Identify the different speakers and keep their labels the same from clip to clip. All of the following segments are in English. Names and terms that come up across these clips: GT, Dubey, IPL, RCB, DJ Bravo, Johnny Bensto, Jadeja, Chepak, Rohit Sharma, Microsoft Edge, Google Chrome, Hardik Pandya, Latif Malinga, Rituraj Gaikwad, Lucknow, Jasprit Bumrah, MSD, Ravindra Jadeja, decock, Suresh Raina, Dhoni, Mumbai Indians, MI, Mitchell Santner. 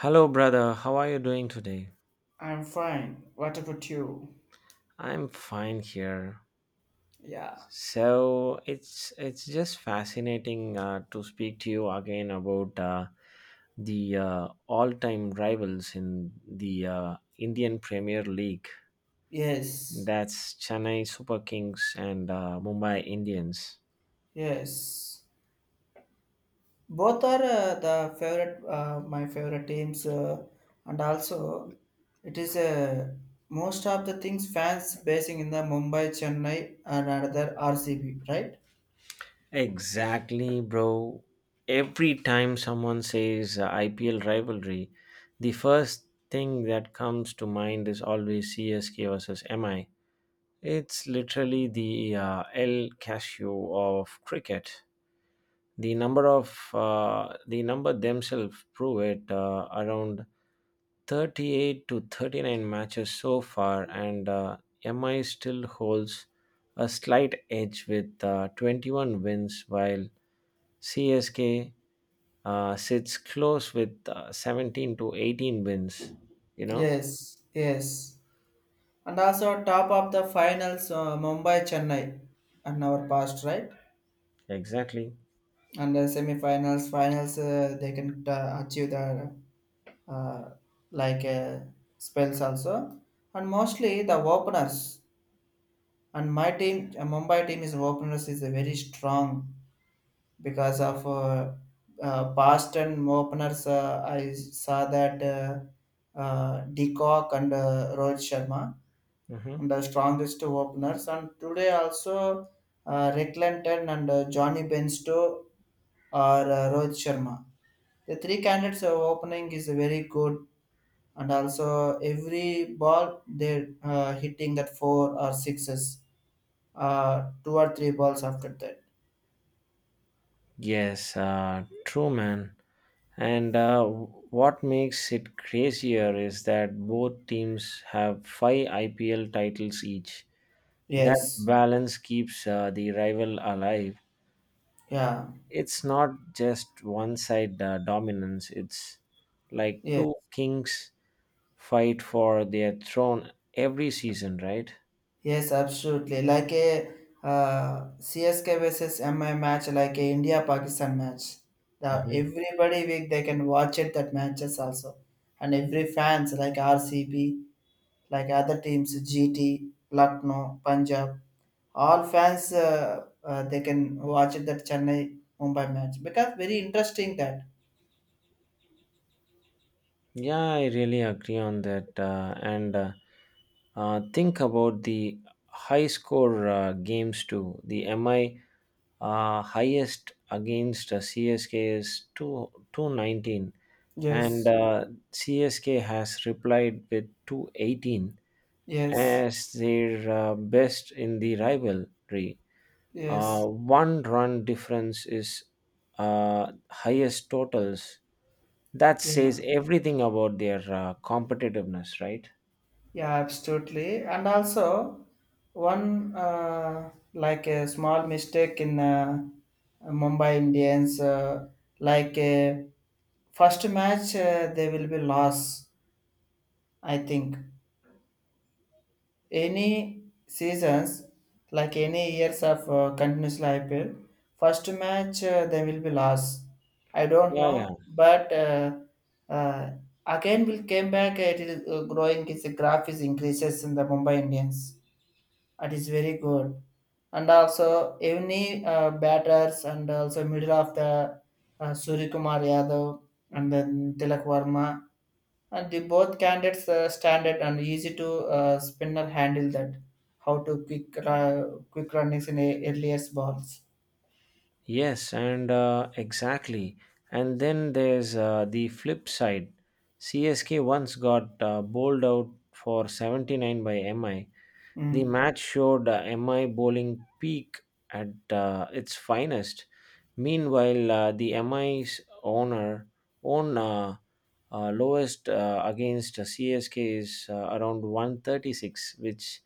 Speaker 1: Hello, brother. How are you doing today?
Speaker 2: I'm fine. What about you?
Speaker 1: I'm fine here.
Speaker 2: Yeah.
Speaker 1: So it's just fascinating to speak to you again about the all-time rivals in the Indian Premier League.
Speaker 2: Yes.
Speaker 1: That's Chennai Super Kings and Mumbai Indians.
Speaker 2: Yes. Both are the favorite, my favorite teams, and also it is most of the things fans basing in the Mumbai, Chennai, and another RCB, right?
Speaker 1: Exactly, bro. Every time someone says IPL rivalry, the first thing that comes to mind is always CSK versus MI. It's literally the El Casio of cricket. The number themselves prove it. Around 38 to 39 matches so far, and MI still holds a slight edge with 21 wins, while CSK sits close with 17 to 18 wins. You know
Speaker 2: Yes. Yes. And also top of the finals, Mumbai, Chennai, and our past, right?
Speaker 1: exactly.
Speaker 2: And the semi-finals, finals, they can achieve the uh, like uh, spells also, and mostly the openers. And my team, Mumbai team is openers is a very strong because of Boston openers. I saw that Decock and Rohit Sharma,
Speaker 1: Hmm.
Speaker 2: and the strongest two openers. And today also, Rick Lenton and Johnny Bensto or Rohit Sharma. The three candidates are opening is very good, and also every ball they're hitting that four or sixes, two or three balls after that.
Speaker 1: Yes, true, man. And what makes it crazier is that both teams have five IPL titles each. That
Speaker 2: Yes.
Speaker 1: balance keeps the rival alive.
Speaker 2: Yeah,
Speaker 1: It's not just one side dominance, it's like
Speaker 2: yes,
Speaker 1: two kings fight for their throne every season, right?
Speaker 2: yes, absolutely, like a, uh, CSK versus MI match, like a India Pakistan match. The
Speaker 1: Mhm.
Speaker 2: Everybody week they can watch it, that matches also. And every fans like RCB, like other teams GT, Lucknow, Punjab, all fans they can watch it that Chennai Mumbai match because very interesting that.
Speaker 1: Yeah, I really agree on that. And think about the high score games too. The MI highest against CSK is 219, and
Speaker 2: Yes,
Speaker 1: CSK has replied with 218
Speaker 2: yes,
Speaker 1: as their best in the rivalry.
Speaker 2: yes.
Speaker 1: One run difference is highest totals. That
Speaker 2: Yeah,
Speaker 1: says everything about their competitiveness, right?
Speaker 2: yeah, absolutely. And also one, like a small mistake in, Mumbai Indians, like uh, first match they will be loss, I think. Any seasons, like any years of continuous IPL, first match they will be lost. I don't
Speaker 1: Yeah, yeah.
Speaker 2: know, but uh, again will came back. It is growing. Its graph is increases in the Mumbai Indians. It is very good, and also any batters, and also middle of the, Surya Kumar Yadav and then Tilak Varma, and the both candidates standard and easy to spinner handle that. How to quick runnings in a, earliest balls.
Speaker 1: Yes, and exactly. And then there's the flip side. CSK once got bowled out for 79 by MI. The
Speaker 2: Mm.
Speaker 1: match showed MI bowling peak at its finest. Meanwhile, uh, the MI's owner own uh, uh, lowest against CSK is around 136, which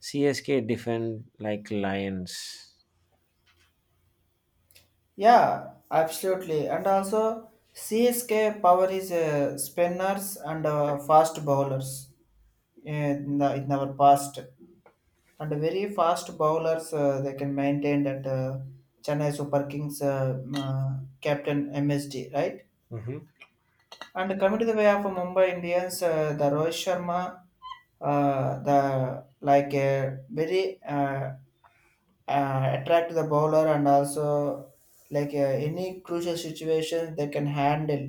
Speaker 1: CSK defend like lions.
Speaker 2: Yeah, absolutely. And also, CSK power is spinners and fast bowlers in, the, in our past. And very fast bowlers, they can maintain that, Chennai Super Kings captain MSD, right? And coming to the way of Mumbai Indians, the Rohit Sharma, the like a very attract the bowler, and also like uh, any crucial situation they can handle,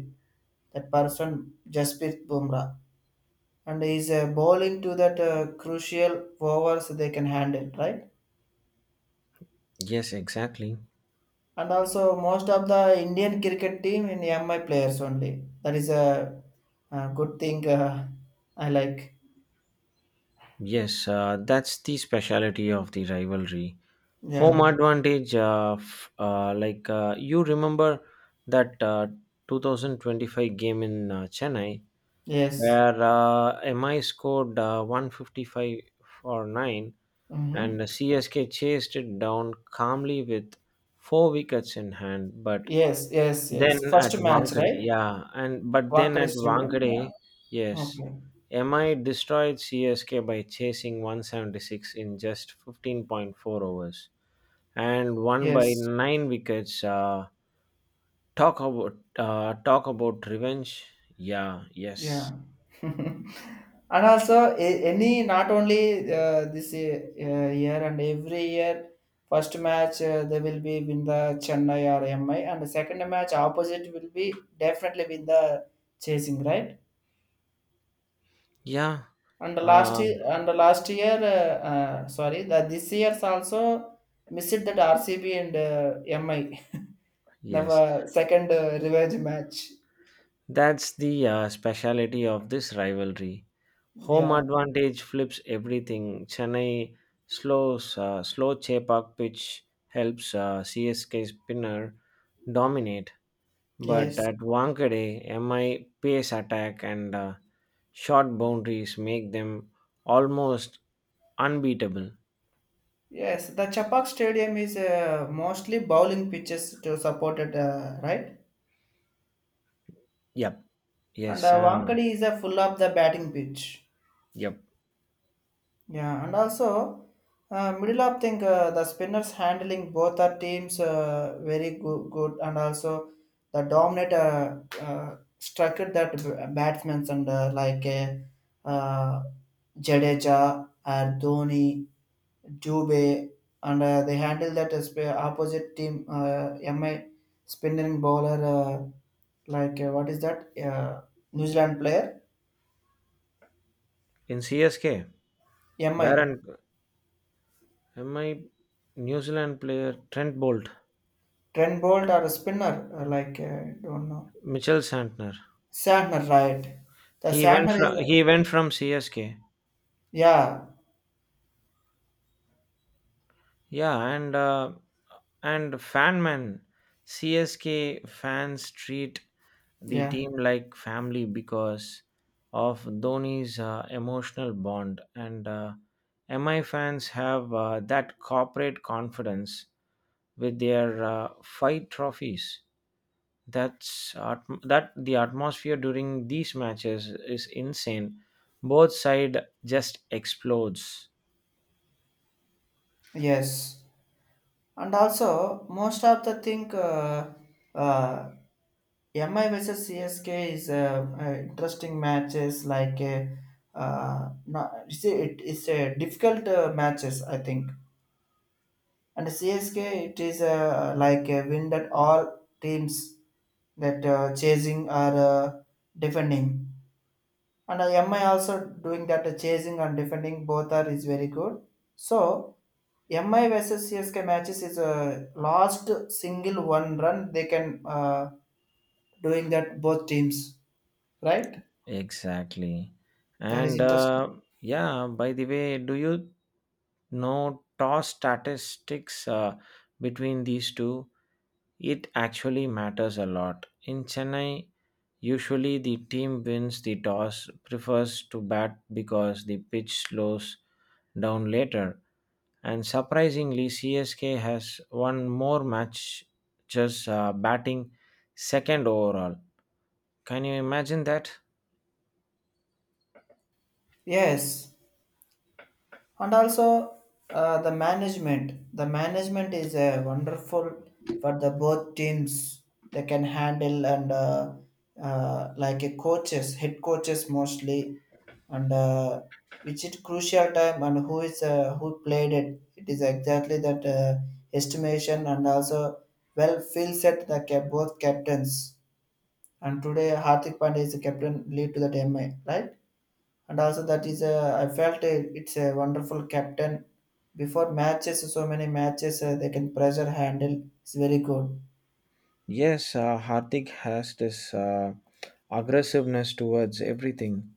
Speaker 2: that person Jasprit Bumrah, and he's bowling to that crucial overs, they can handle, right?
Speaker 1: Yes, exactly.
Speaker 2: And also, most of the Indian cricket team in MI players only, that is a good thing, I like.
Speaker 1: Yes, that's the speciality of the rivalry. Home
Speaker 2: Yeah.
Speaker 1: advantage, like you remember that 2025 game in Chennai
Speaker 2: Yes.
Speaker 1: where MI scored 155 for 9, and
Speaker 2: Mm-hmm.
Speaker 1: CSK chased it down calmly with four wickets in hand, but
Speaker 2: Yes, yes, yes.
Speaker 1: then at
Speaker 2: First match,
Speaker 1: Wankhede,
Speaker 2: right?
Speaker 1: yeah, and but then
Speaker 2: Wankhede
Speaker 1: at
Speaker 2: Stadium. Yeah.
Speaker 1: Wankhede, yes,
Speaker 2: Okay.
Speaker 1: MI destroyed CSK by chasing 176 in just 15.4 overs and won by
Speaker 2: Yes.
Speaker 1: nine wickets. Talk about revenge. Yeah,
Speaker 2: Yeah.
Speaker 1: yes,
Speaker 2: And also, any, not only this year and every year, first match they will be win the Chennai or MI, and the second match opposite will be definitely win the chasing, right?
Speaker 1: yeah,
Speaker 2: And the last
Speaker 1: uh,
Speaker 2: year, and the last year, sorry, the this year's also missed that RCB and MI. the
Speaker 1: yes.
Speaker 2: uh, second revenge match.
Speaker 1: That's the speciality of this rivalry. Home
Speaker 2: Yeah.
Speaker 1: advantage flips everything. Chennai slow Chepak pitch helps CSK spinner dominate, but
Speaker 2: Yes.
Speaker 1: at Wankhede, MI pace attack and short boundaries make them almost unbeatable.
Speaker 2: Yes. The Chapak Stadium is, mostly bowling pitches to support it, right?
Speaker 1: Yep.
Speaker 2: And
Speaker 1: Yes.
Speaker 2: Wankhede is a full of the batting pitch.
Speaker 1: Yep.
Speaker 2: Yeah, and also middle of think the spinners handling both our teams, very good, and also the dominant struck it, that batsmen, and uh, Jadeja or Dhoni, Dubey, and they handle that, opposite team, MI spinning bowler, what is that, New Zealand player
Speaker 1: In CSK,
Speaker 2: MI
Speaker 1: Darren, MI New Zealand player Trent Bolt,
Speaker 2: Trent Bolt or a spinner, don't know.
Speaker 1: Mitchell Santner.
Speaker 2: Shatner, right? The
Speaker 1: He went
Speaker 2: Shatner is
Speaker 1: from he
Speaker 2: like,
Speaker 1: went from CSK.
Speaker 2: yeah,
Speaker 1: Yeah, and fan man, CSK fans treat the
Speaker 2: yeah,
Speaker 1: team like family because of Dhoni's emotional bond, and MI fans have that corporate confidence with their five trophies. That the atmosphere during these matches is insane. Both side just explodes.
Speaker 2: yes. And also, most of the thing, uh, MI versus CSK is interesting matches. Like, no, see, it is a difficult matches, I think. And CSK, it is, like a win that all teams, that chasing or uh, defending. And MI also doing that chasing and defending, both are is very good. So MI versus CSK matches is a last single one run they can uh, doing that, both teams, right?
Speaker 1: Exactly.
Speaker 2: That is
Speaker 1: And
Speaker 2: interesting.
Speaker 1: yeah, by the way, do you know toss statistics between these two? It actually matters a lot. In Chennai, usually the team wins the toss, prefers to bat because the pitch slows down later. And surprisingly, CSK has won more matches batting second overall. Can you imagine that?
Speaker 2: Yes, and also the management is wonderful for the both teams. They can handle, and like a coaches, head coaches mostly. And which is crucial time, and who is, who played it, it is exactly that, estimation. And also, well feel set the both captains. And today Hardik Pandya is the captain lead to that MI, right? And also that is, I felt it's a wonderful captain. Before matches, so many matches they can pressure handle. It's very good.
Speaker 1: Yes, Hardik has this aggressiveness towards everything,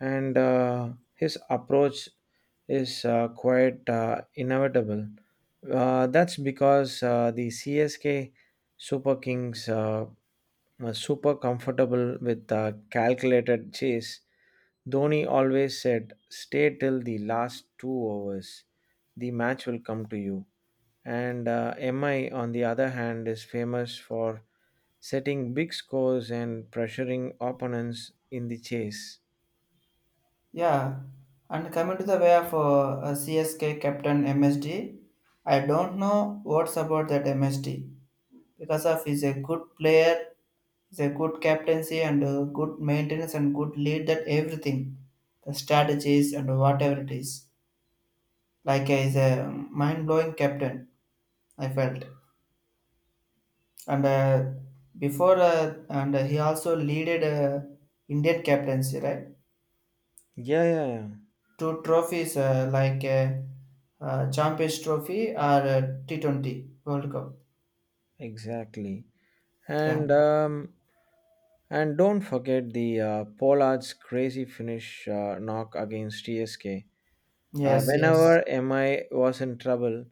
Speaker 1: and his approach is quite inevitable. That's because the CSK Super Kings are super comfortable with calculated chase. Dhoni always said, "Stay till the last two overs. The match will come to you." And MI, on the other hand, is famous for setting big scores and pressuring opponents in the chase.
Speaker 2: Yeah, and coming to the way of CSK captain MSD, I don't know what's about that MSD because of he's a good player, he's a good captaincy and good maintenance and good lead. That everything, the strategies and whatever it is, he's a mind blowing captain, I felt. And before and he also leaded Indian captaincy, right?
Speaker 1: Yeah, yeah, yeah,
Speaker 2: Two trophies, Champions Trophy or T20 World Cup.
Speaker 1: exactly.
Speaker 2: Yeah.
Speaker 1: And um, and don't forget the Pollard's crazy finish knock against TSK.
Speaker 2: Yes, yes,
Speaker 1: Whenever MI was in trouble,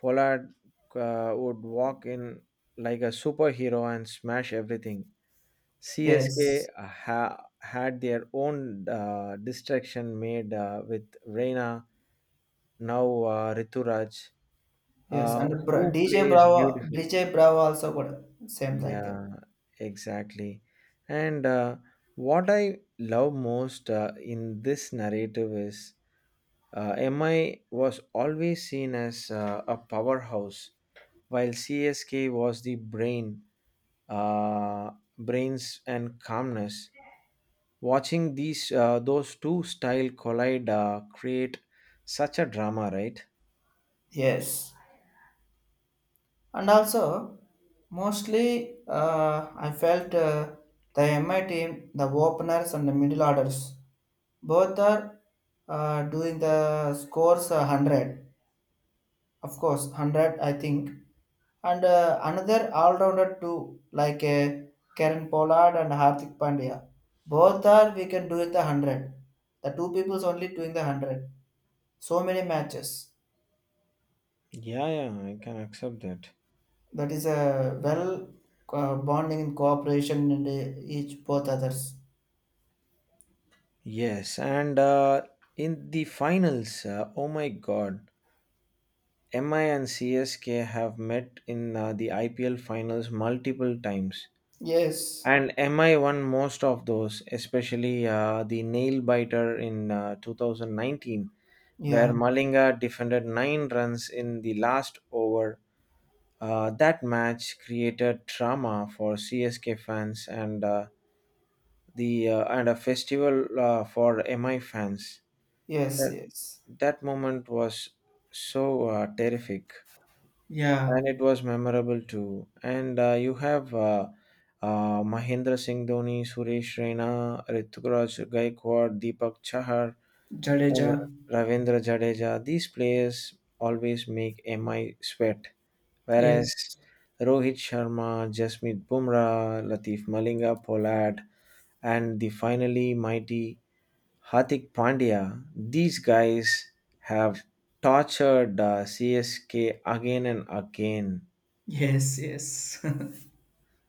Speaker 1: Pollard would walk in like a superhero and smash everything. CSK
Speaker 2: yes,
Speaker 1: ha- Had their own distraction made with Reina now Rituraj,
Speaker 2: yes.
Speaker 1: uh,
Speaker 2: And
Speaker 1: who
Speaker 2: DJ
Speaker 1: plays
Speaker 2: Bravo
Speaker 1: beautiful.
Speaker 2: DJ Bravo also got same like that.
Speaker 1: Yeah, exactly. And what I love most in this narrative is MI was always seen as a powerhouse, while CSK was the brain, uh, brains and calmness. Watching these those two style collide create such a drama, right?
Speaker 2: Yes, and also mostly I felt the MI team, the openers and the middle orders, both are doing the scores, 100, of course 100, I think. And another all-rounder too, Karen Pollard and Hardik Pandya, both are, we can do it, the 100, the two people's only doing the 100, so many matches.
Speaker 1: Yeah, yeah, I can accept that.
Speaker 2: That is a well bonding and cooperation in the, each both others.
Speaker 1: Yes, and in the finals, oh my God, MI and CSK have met in the IPL finals multiple times,
Speaker 2: Yes.
Speaker 1: and MI won most of those, especially the nail biter in 2019, where
Speaker 2: Yeah,
Speaker 1: Malinga defended nine runs in the last over. That match created drama for CSK fans and the and a festival for MI fans.
Speaker 2: yes, yes.
Speaker 1: That moment was so terrific,
Speaker 2: Yeah.
Speaker 1: and it was memorable too. And you have Mahendra Singh Dhoni, Suresh Raina, Rituraj Gaikwad, Deepak Chahar,
Speaker 2: Jadeja.
Speaker 1: and Ravindra Jadeja. These players always make MI sweat,
Speaker 2: Yes.
Speaker 1: whereas Rohit Sharma, Jasmeet Bumrah, Latif Malinga, Pollard, and the finally mighty Hardik Pandya, these guys have tortured CSK again and again.
Speaker 2: Yes, yes.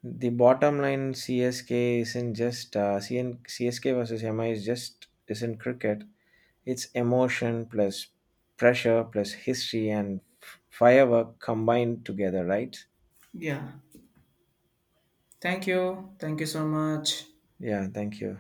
Speaker 1: The bottom line, CSK versus MI is just isn't cricket. It's emotion plus pressure plus history and firework combined together, right?
Speaker 2: Yeah. Thank you. Thank you so much.
Speaker 1: Yeah, thank you.